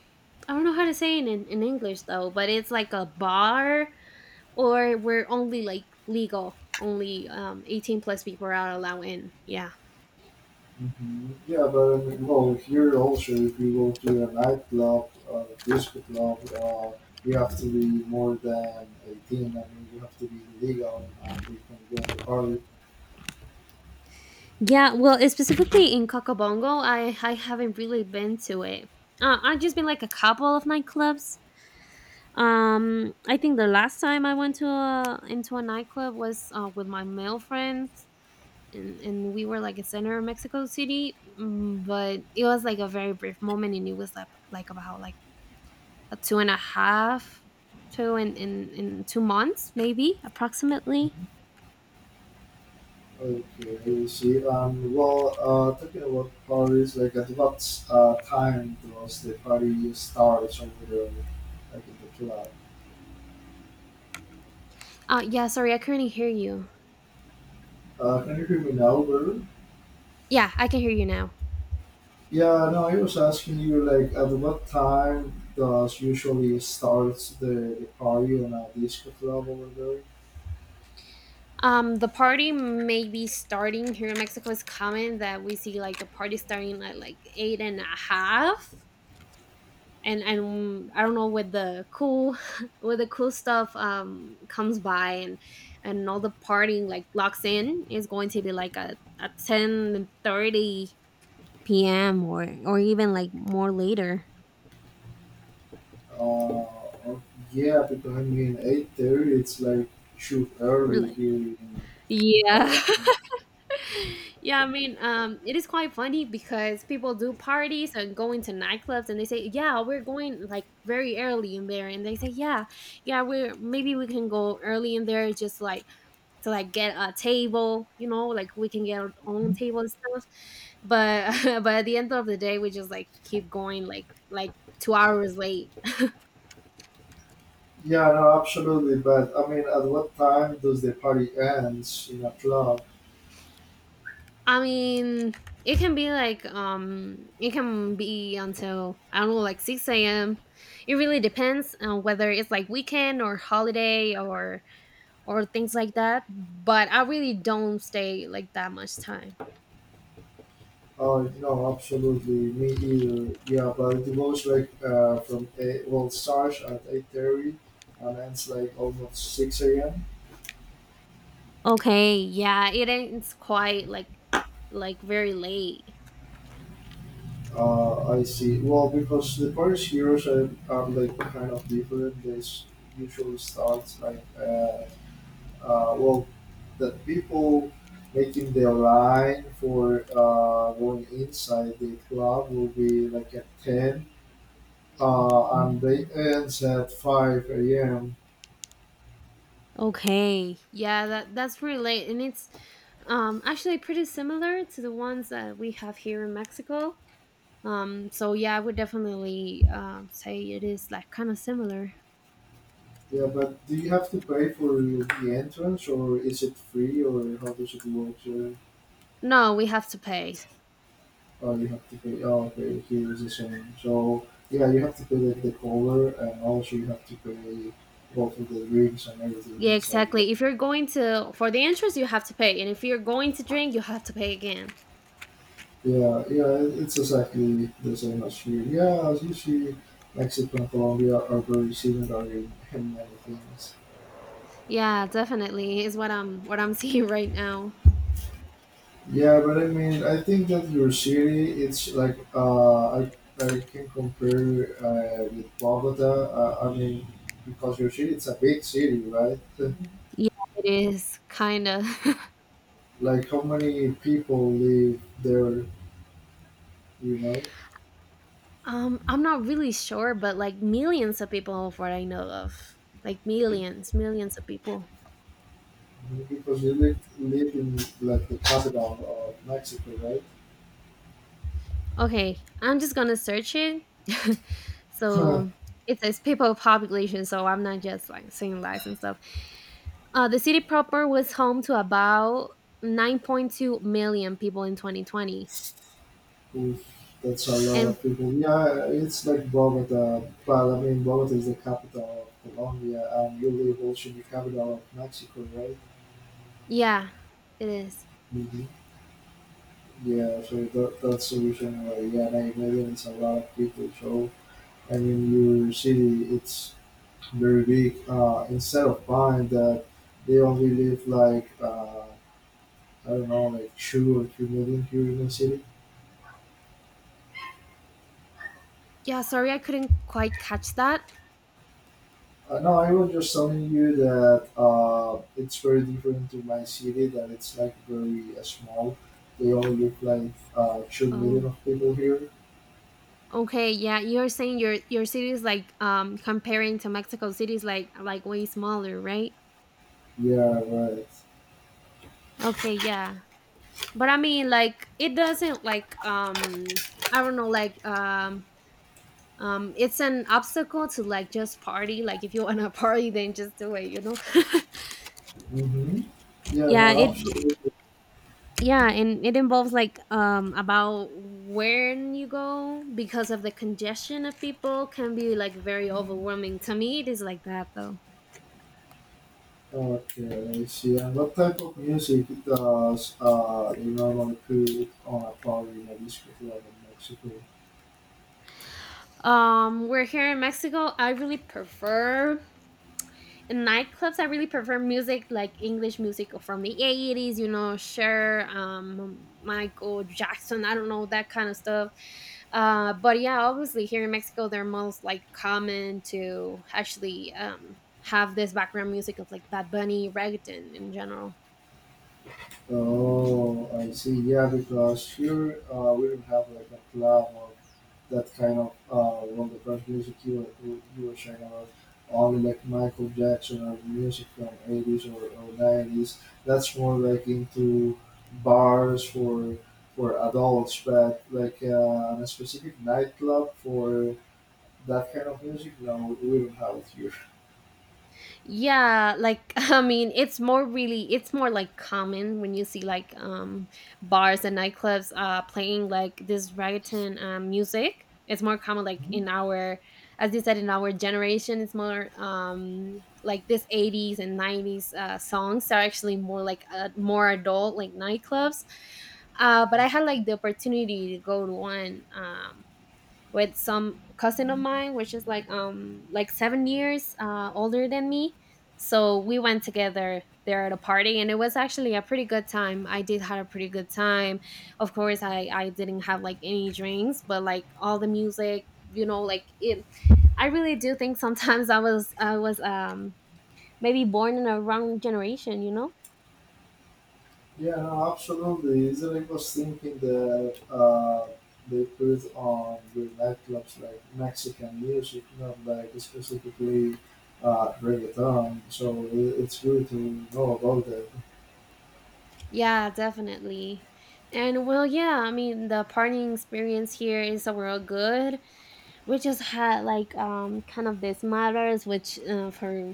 Speaker 1: I don't know how to say it in English though, but it's like a bar or we're only like legal, only um, 18 plus people are allowed in, yeah.
Speaker 2: Hmm. Yeah, but I mean, well, here also, if you go to a nightclub, disco club, you have to be more than 18. I mean, you have to be legal before you can join the party.
Speaker 1: Yeah, well, it's specifically in Cocobongo, I haven't really been to it. I've just been like a couple of nightclubs. I think the last time I went to into a nightclub was with my male friends, and we were like a center of Mexico City, mm, but it was like a very brief moment, and it was like about like a two and a half, two in 2 months maybe approximately.
Speaker 2: Okay, I see. Well, talking about parties, like at what time does the party start over there, like in the club?
Speaker 1: Yeah, sorry, I couldn't hear you.
Speaker 2: Can you hear me now, brother?
Speaker 1: Yeah, I can hear you now.
Speaker 2: Yeah, no, I was asking you, like, at what time does usually starts the party on a disco club over there?
Speaker 1: The party maybe starting here in Mexico is common that we see like a party starting at like eight and a half. And I don't know with the cool with the cool stuff um, comes by and all the partying like locks in is going to be like a 10:30 p.m. Or even like more later.
Speaker 2: Uh, yeah, because I mean, 8:30, it's like too
Speaker 1: Or,
Speaker 2: early
Speaker 1: like-
Speaker 2: here in
Speaker 1: Yeah.
Speaker 2: Colombia.
Speaker 1: Yeah, I mean, it is quite funny because people do parties and go into nightclubs and they say, "Yeah, we're going like very early in there." And they say, "Yeah, yeah, we're maybe we can go early in there just like to like get a table, like we can get our own table and stuff." But but at the end of the day, we just like keep going like 2 hours late.
Speaker 2: Yeah, no, absolutely. But I mean, at what time does the party ends in a club?
Speaker 1: I mean, it can be like it can be until I don't know, like six a.m. It really depends on whether it's like weekend or holiday or things like that. But I really don't stay like that much time.
Speaker 2: Oh no, absolutely, me either. Yeah, but it goes like from eight. Well, starts at 8:30, and ends like almost six a.m.
Speaker 1: Okay, yeah, it ends quite like very late.
Speaker 2: I see. Well, because the parties here are like kind of different. Usually start like well, the people making their line for going inside the club will be like at 10 and they ends at 5 a.m.
Speaker 1: Okay, yeah, that's pretty late, and it's actually pretty similar to the ones that we have here in Mexico. So yeah, I would definitely say it is like kind of similar.
Speaker 2: Yeah, but do you have to pay for the entrance or is it free or how does it work? Sir?
Speaker 1: No, we have to pay.
Speaker 2: Oh, you have to pay. Oh, okay, here is the same. So, yeah, you have to pay like the cover and also you have to pay both of the drinks and everything
Speaker 1: Yeah,
Speaker 2: inside.
Speaker 1: exactly. If you're going to for the interest, you have to pay, and if you're going to drink, you have to pay again.
Speaker 2: Yeah, yeah, it- it's exactly the same as here. Yeah, as you see, Mexico and Colombia are very similar in many things.
Speaker 1: Yeah, definitely is what I'm seeing right now.
Speaker 2: Yeah, but I mean, I think that your city, it's like I can compare with Bogota. I mean, because your city, it's a big city, right? Mhm.
Speaker 1: Yeah, it is kind of.
Speaker 2: Like how many people live there? You know,
Speaker 1: I'm not really sure, but like millions of people, of what I know of, like millions, millions of people.
Speaker 2: because you live, live in like the capital of Mexico,
Speaker 1: Okay, I'm just gonna search it.
Speaker 2: right?
Speaker 1: So it says people population, so I'm not just like saying lies and stuff. The city proper was home to about 9.2 million people in 2020.
Speaker 2: Oof, that's a lot
Speaker 1: And
Speaker 2: of people. Yeah, it's like Bogota, but I mean, Bogota is the capital of Colombia, and you live also in the capital of Mexico, right?
Speaker 1: yeah, it is.
Speaker 2: Hmm. Yeah, so that's the reason why, yeah, I imagine it's a lot of people. So, I mean, your city, it's very big. Instead of buying that, they only live like, I don't know, like 2 or 3 million here in the city.
Speaker 1: Yeah, sorry I couldn't quite catch that.
Speaker 2: No, I was just telling you that it's very different to my city. That it's like very small. They all look like 2 million
Speaker 1: Oh,
Speaker 2: of people here.
Speaker 1: okay. Yeah, you're saying your city is like comparing to Mexico City is like way smaller, right?
Speaker 2: Yeah, right.
Speaker 1: Okay, yeah. But I mean like it doesn't like I don't know like it's an obstacle to like just party like if you want to party then just do it,
Speaker 2: Mm-hmm. Yeah,
Speaker 1: yeah
Speaker 2: no,
Speaker 1: it
Speaker 2: absolutely.
Speaker 1: yeah and it involves like about when you go because of the congestion of people can be like very overwhelming to me it is like that though.
Speaker 2: Okay, I see. And what type of music does you normally put on a party in a disco club in Mexico?
Speaker 1: We're here in Mexico, I really prefer in nightclubs, I really prefer music like English music from the 80's, you know, Cher, Michael Jackson, I don't know, that kind of stuff. But yeah, obviously here in Mexico, they're most like common to actually have this background music of like Bad Bunny, reggaeton in general.
Speaker 2: Oh, I see. Yeah, because here we don't have like a club that kind of one of the first music you were sharing about. Only like Michael Jackson or music from 80s or 90s. That's more like into bars for adults, but like a specific nightclub for that kind of music. No, we don't have it here.
Speaker 1: Yeah, like I mean, it's more really it's more like common when you see like bars and nightclubs playing like this reggaeton music. It's more common like in our as you said in our generation, it's more like this 80's and 90's songs are actually more like more adult like nightclubs. But I had like the opportunity to go to one with some cousin of mine, which is like 7 years older than me. So we went together there at a party, and it was actually a pretty good time. I did had a pretty good time. Of course, I didn't have like any drinks, but like all the music, you know, like it. I really do think sometimes I was maybe born in a wrong generation, you know.
Speaker 2: Yeah, no, absolutely. Israel was thinking that they put on the nightclubs like Mexican music, not like specifically reggaeton. So it- it's good to know about that.
Speaker 1: Yeah, definitely. And well, yeah, I mean, the partying experience here is overall good. We just had like kind of these matters which for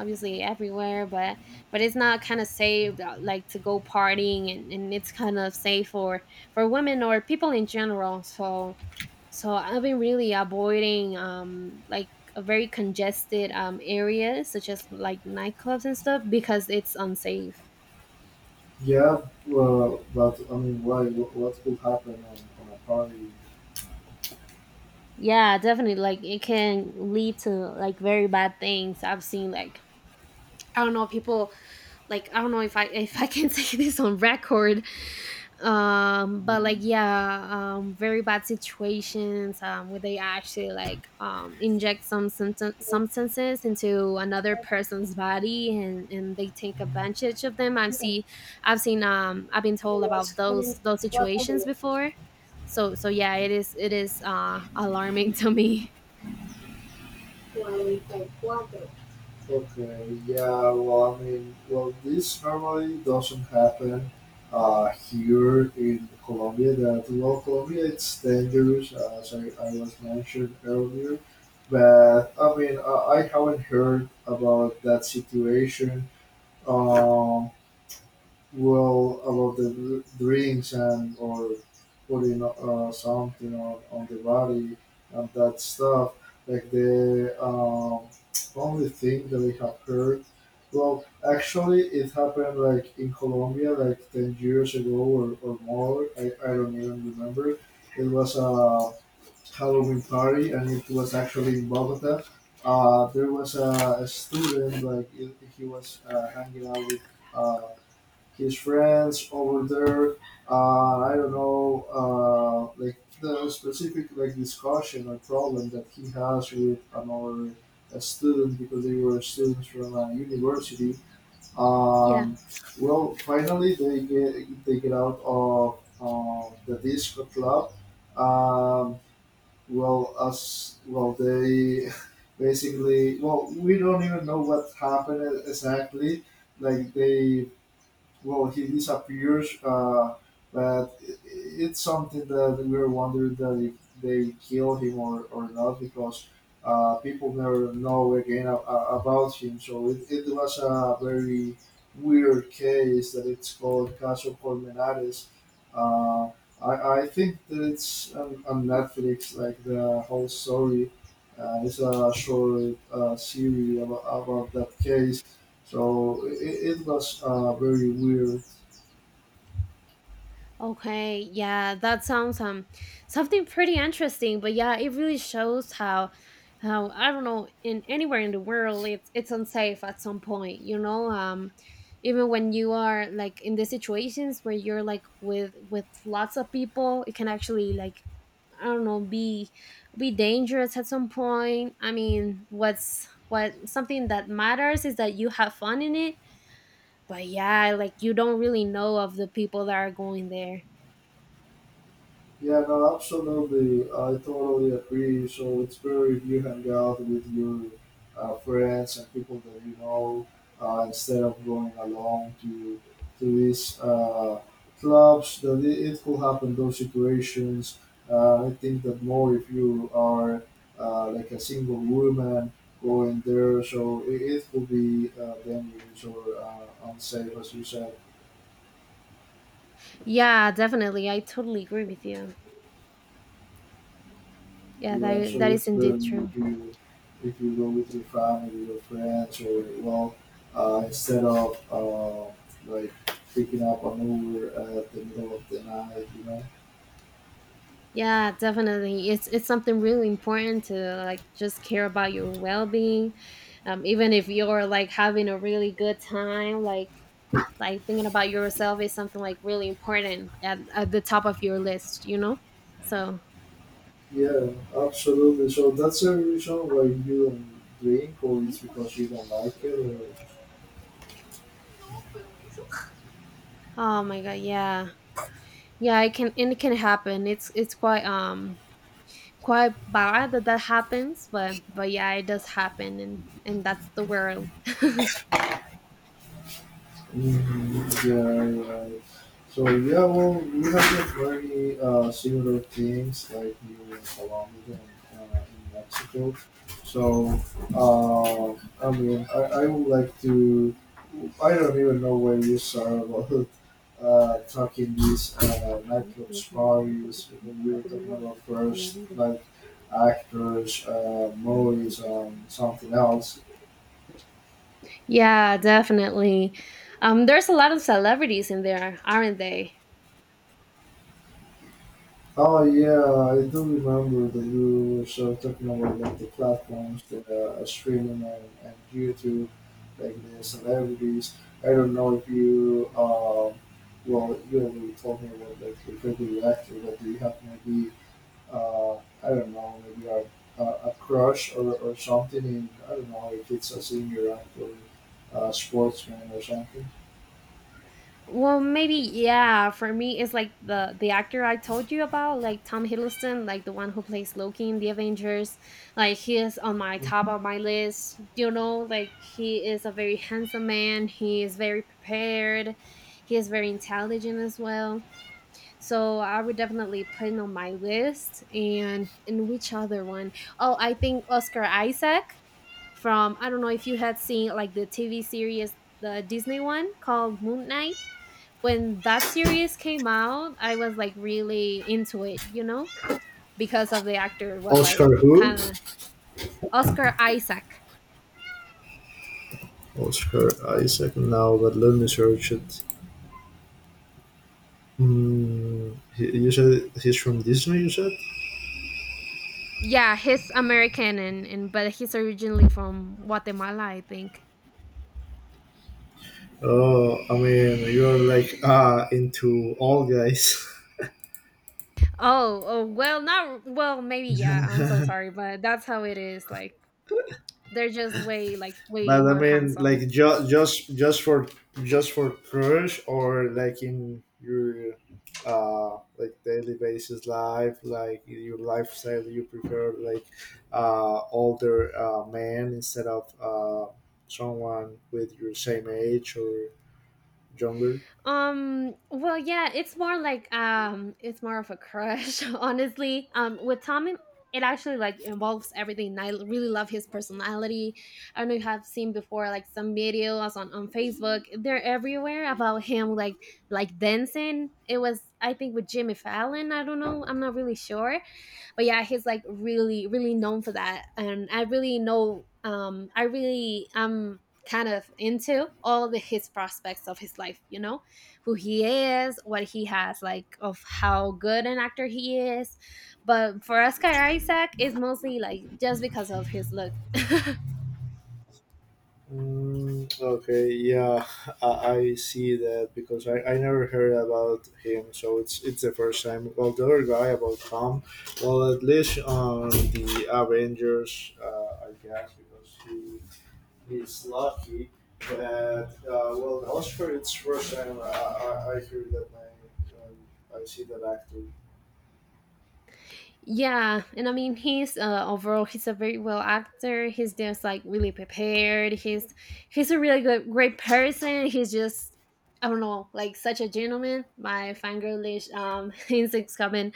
Speaker 1: obviously everywhere but it's not kind of safe like to go partying, and it's kind of safe for women or people in general, so so I've been really avoiding like a very congested areas such as like nightclubs and stuff because it's unsafe.
Speaker 2: Yeah, well, but I mean, why? What could happen on a party?
Speaker 1: Yeah definitely like it can lead to like very bad things. I've seen like I don't know people like I don't know if I can say this on record, but like
Speaker 2: Mm.
Speaker 1: yeah, very bad situations where they actually like inject some substances into another person's body and they take advantage of them. I've been told about those situations before, so so yeah, it is alarming to me.
Speaker 2: Okay, yeah, well, I mean, well, this normally doesn't happen here in Colombia. That well, Colombia it's dangerous, as I was mentioned earlier. But I mean, I haven't heard about that situation. Um, well, about the drinks and or putting something on the body and that stuff. Like the only thing that I have heard. Well, actually, it happened like in Colombia, like 10 years ago or more. I don't even remember. It was a Halloween party, and it was actually in Bogota. There was a student like he was hanging out with. Uh, his friends over there. I don't know, like the specific like discussion or problem that he has with another student because they were students from a university.
Speaker 1: Yeah.
Speaker 2: Um, well, finally they get out of the disco club. Um, well, as well they basically, well, we don't even know what happened exactly. Like they Well, he disappears. But it's something that we were wondering, that if they kill him or not, because people never know again about him. So it was a very weird case that it's called Caso Colmenares. Uh, I think that it's on Netflix, like the whole story. It's a short series about that case. So it was very weird.
Speaker 1: Okay, yeah, that sounds something pretty interesting, but yeah, it really shows how I don't know in anywhere in the world it's unsafe at some point, you know? Even when you are like in the situations where you're like with lots of people, it can actually like I don't know be dangerous at some point. I mean, what's what something that matters is that you have fun in it, but yeah, like you don't really know of the people that are going there.
Speaker 2: Yeah, no, absolutely. I totally agree. So it's better if you hang out with your friends and people that you know, instead of going along to these clubs. That it could happen those situations. I think that more if you are like a single woman going there, so it could be dangerous or unsafe, as you said.
Speaker 1: Yeah, definitely. I totally agree with you. Yeah,
Speaker 2: Yeah, so
Speaker 1: that is
Speaker 2: it's
Speaker 1: indeed
Speaker 2: been
Speaker 1: true.
Speaker 2: if you go with your family or friends or, well, instead of like picking up an Uber at the middle of the night, you know.
Speaker 1: Yeah, definitely. It's something really important to like just care about your well-being. Even if you're like having a really good time, like thinking about yourself is something like really important at the top of your list, you know? So,
Speaker 2: Yeah, absolutely. So that's a reason why you don't drink, or it's because you don't like it, or
Speaker 1: oh my god, yeah. Yeah, it can and it can happen. It's quite quite bad that that happens, but yeah, it does happen and that's the word.
Speaker 2: Mhm. Yeah, right. So yeah, well, we have the very similar things like you in Colombia and in Mexico. So uh, I mean, I would like to. I don't even know where you are about talking these
Speaker 1: Sí, sí,
Speaker 2: nightclubs
Speaker 1: definitivamente, porque
Speaker 2: parties.
Speaker 1: si no,
Speaker 2: When you
Speaker 1: nunca
Speaker 2: were
Speaker 1: te
Speaker 2: talking
Speaker 1: vuelvo a ver
Speaker 2: about
Speaker 1: en la
Speaker 2: first,
Speaker 1: vida.
Speaker 2: like actors,
Speaker 1: Mm.
Speaker 2: movies, and something else.
Speaker 1: Yeah, definitely. There's a lot of celebrities in there, aren't they?
Speaker 2: Oh yeah, I do remember that you were sort of talking about like the platforms that are streaming and YouTube, like the celebrities. I don't know if you, well, you already told me about like your favorite actor, but do you have maybe, uh, I don't know, maybe a, a crush or something in, I don't know, if it's a singer actor, a sportsman or something?
Speaker 1: Well, maybe yeah. For me, it's like the actor I told you about, like Tom Hiddleston, like the one who plays Loki in the Avengers. Like he is on my top of my list. You know, like he is a very handsome man. He is very prepared. He is very intelligent as well. So I would definitely put it on my list. And which other one? Oh, I think Oscar Isaac from I don't know if you had seen like the TV series, the Disney one called Moon Knight. When that series came out, I was like really into it, you know, because of the actor was like
Speaker 2: Oscar who?
Speaker 1: kind of Oscar Isaac.
Speaker 2: Oscar Isaac now, but let me search it. Mm, he- you said he's from Disney. You said,
Speaker 1: Yeah, he's American and but he's originally from Guatemala, I think.
Speaker 2: "Oh, I mean, you're like ah into all guys."
Speaker 1: Oh, oh, well, not well, maybe yeah. I'm so sorry, but that's how it is. Like they're just way like way
Speaker 2: But I
Speaker 1: more
Speaker 2: mean,
Speaker 1: handsome.
Speaker 2: like just for just for crush or like in your like daily basis life, like your lifestyle, you prefer like older man instead of someone with your same age or younger.
Speaker 1: Well, yeah, it's more like it's more of a crush, honestly. With Tommy, it actually like involves everything. I really love his personality. I don't know if you have seen before, like some videos on Facebook. They're everywhere about him, like dancing. It was I think with Jimmy Fallon. I don't know. I'm not really sure, but yeah he's like really really known for that, and I really know I really am kind of into all the his prospects of his life, you know, who he is, what he has like of how good an actor he is, but for Oscar Isaac it's mostly like just because of his look.
Speaker 2: Mm, okay, yeah, I see that because I never heard about him, so it's the first time. Well, the other guy about Tom, well, at least on the Avengers, I guess, because he he's lucky. But well, the Oscar, it's first time I hear that name. I see that actor.
Speaker 1: Yeah, and I mean he's overall he's a very well actor. He's just like really prepared. He's a really good great person. He's just I don't know like such a gentleman. My fangirlish instincts coming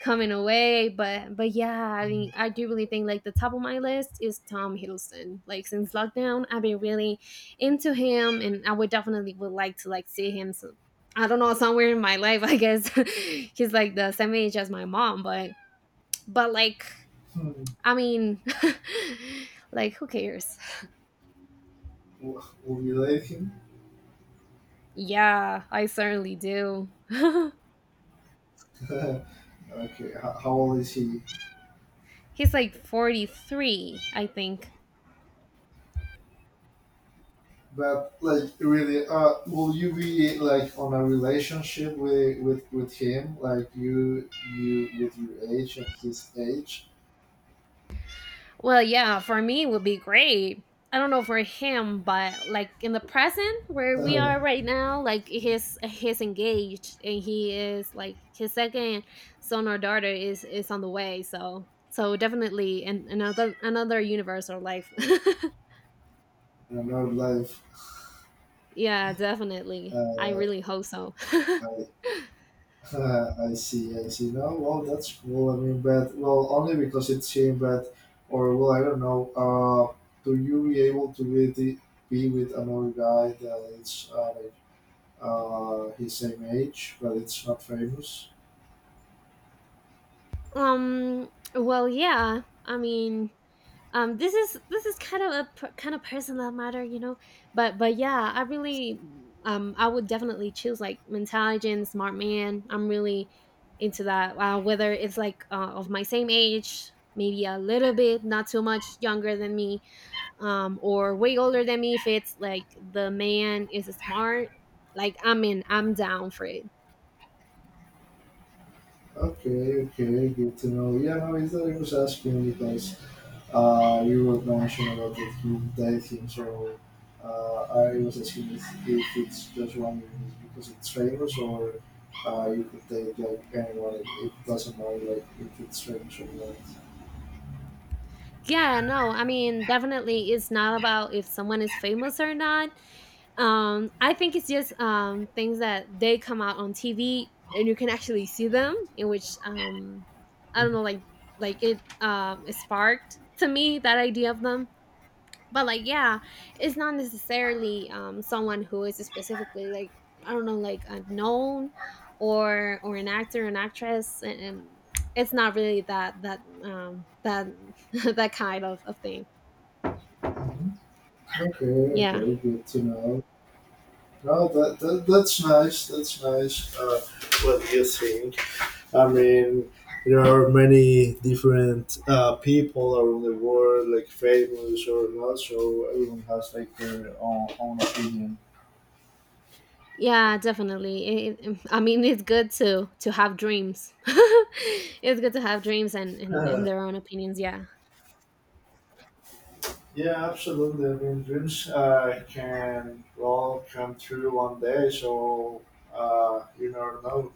Speaker 1: coming away, but yeah, I mean I do really think like the top of my list is Tom Hiddleston. Like since lockdown, I've been really into him, and I would definitely would like to like see him. So, I don't know, somewhere in my life. I guess he's like the same age as my mom, but like,
Speaker 2: Hmm.
Speaker 1: I mean, like who cares?
Speaker 2: Will you like him?
Speaker 1: Yeah, I certainly do.
Speaker 2: Okay, how old is he?
Speaker 1: He's like 43, I think.
Speaker 2: But like really, will you be like on a relationship with with him? Like you with your age and his age?
Speaker 1: Well, yeah, for me it would be great. I don't know for him, but like in the present where we are right now, like he's engaged and he is like his second son or daughter is on the way. So so definitely in another another universe or life.
Speaker 2: Another life.
Speaker 1: Yeah, definitely. I
Speaker 2: Uh,
Speaker 1: really hope so.
Speaker 2: I I see I see. No, well that's cool. I mean, but well only because it's him. But or well I don't know. Do you be able to really be with another guy that is like his same age but it's not famous?
Speaker 1: Um. Well, yeah. I mean, this is kind of a kind of personal matter, you know. But yeah, I really, I would definitely choose like intelligent, smart man. I'm really into that. Whether it's like of my same age, maybe a little bit, not too much younger than me, or way older than me. If it's like the man is smart, like I'm in, I'm down for it.
Speaker 2: Okay, okay, good to know. Yeah, no, it's that I was asking because you were mentioning about the group dating, so I was asking if it's just one is because it's famous or you could date like anyone. It doesn't matter like if it's famous or not.
Speaker 1: Yeah, no, I mean, definitely it's not about if someone is famous or not. I think it's just things that they come out on TV and you can actually see them, in which I don't know, like it sparked to me that idea of them, but like yeah it's not necessarily someone who is specifically like I don't know like unknown or an actor, an actress, and it's not really that that kind of thing.
Speaker 2: Hmm. Okay,
Speaker 1: Yeah.
Speaker 2: okay, good to know. No, that, that that's nice. That's nice. What do you think? I mean, there are many different people around the world, like famous or not, so everyone has like their own, own opinion.
Speaker 1: Yeah, definitely I mean it's good to have dreams. It's good to have dreams
Speaker 2: Uh,
Speaker 1: and their own opinions. Yeah.
Speaker 2: yeah, absolutely. I mean, dreams can all come true one day, so you never know.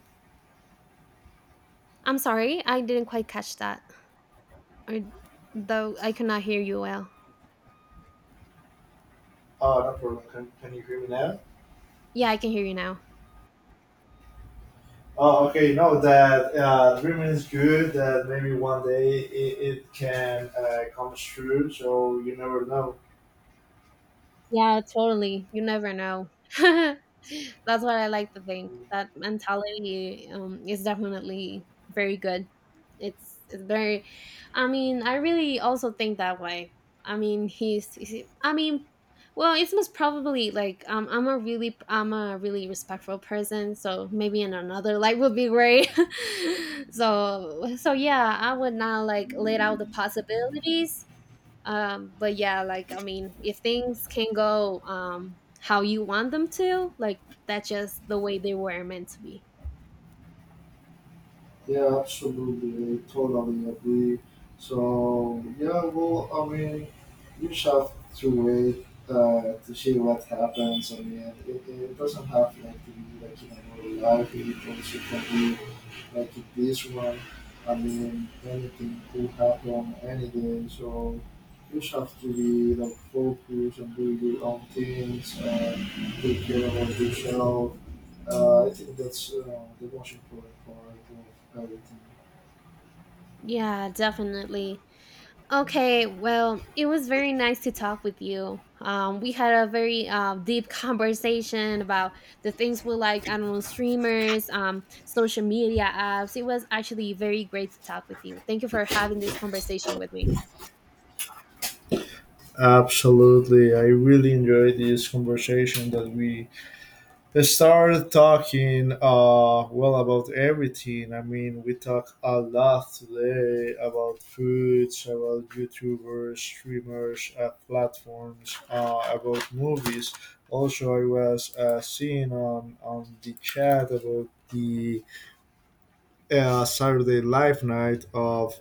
Speaker 1: I'm sorry I didn't quite catch that, or though I could not hear you well.
Speaker 2: Oh, no problem. Can you hear me now?
Speaker 1: Yeah, I can hear you now.
Speaker 2: Oh, okay. No, that dreaming is good. That maybe one day it can come true. So you never know.
Speaker 1: Yeah, totally. You never know. That's what I like to think. That mentality is definitely very good. It's very. I mean, I really also think that way. I mean, I mean, well, it's most probably like I'm a really respectful person. So maybe in another life would be great. So so yeah, I would not like let out the possibilities, but yeah like I mean if things can go how you want them to, like that's just the way they were meant to be.
Speaker 2: Yeah, absolutely. I totally agree. So, yeah, well, I mean, you just have to wait to see what happens. I mean, it doesn't have like to be like in a real life. It also can be like in this one. I mean, anything could happen any day. So, you just have to be like focused and do your own things and take care of yourself, I think that's the most important part of everything.
Speaker 1: Yeah, definitely. Okay, well it was very nice to talk with you. We had a very deep conversation about the things we like, I don't know, streamers, social media apps. It was actually very great to talk with you. Thank you for having this conversation with me.
Speaker 2: Absolutely. I really enjoyed this conversation that we started talking well about everything. I mean, we talked a lot today about foods, about YouTubers, streamers, platforms, about movies. Also, I was seeing on the chat about the Saturday live night of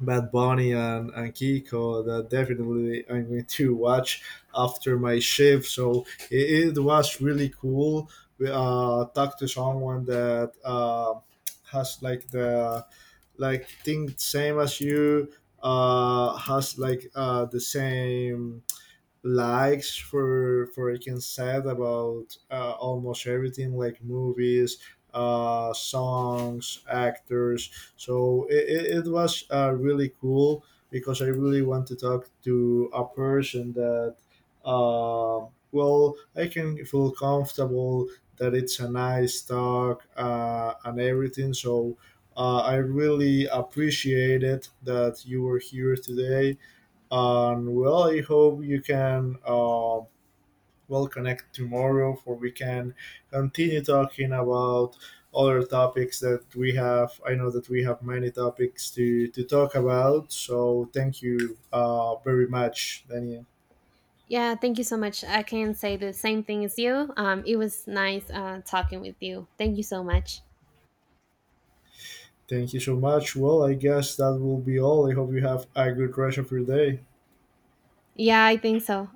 Speaker 2: Bad Bunny and Kiko that definitely I'm going to watch after my shift. So it was really cool. We talked to someone that has like the like think same as you, has like the same likes for I can say about almost everything like movies, songs, actors. So it was really cool because I really want to talk to a person that, uh, well, I can feel comfortable, that it's a nice talk and everything. So I really appreciate it that you were here today and well, I hope you can, well, connect tomorrow for we can continue talking about other topics that we have. I know that we have many topics to talk about. So thank you very much, Daniel.
Speaker 1: Yeah, thank you so much. I can say the same thing as you. It was nice talking with you. Thank you so much.
Speaker 2: Thank you so much. Well, I guess that will be all. I hope you have a good rest of your day.
Speaker 1: Yeah, I think so.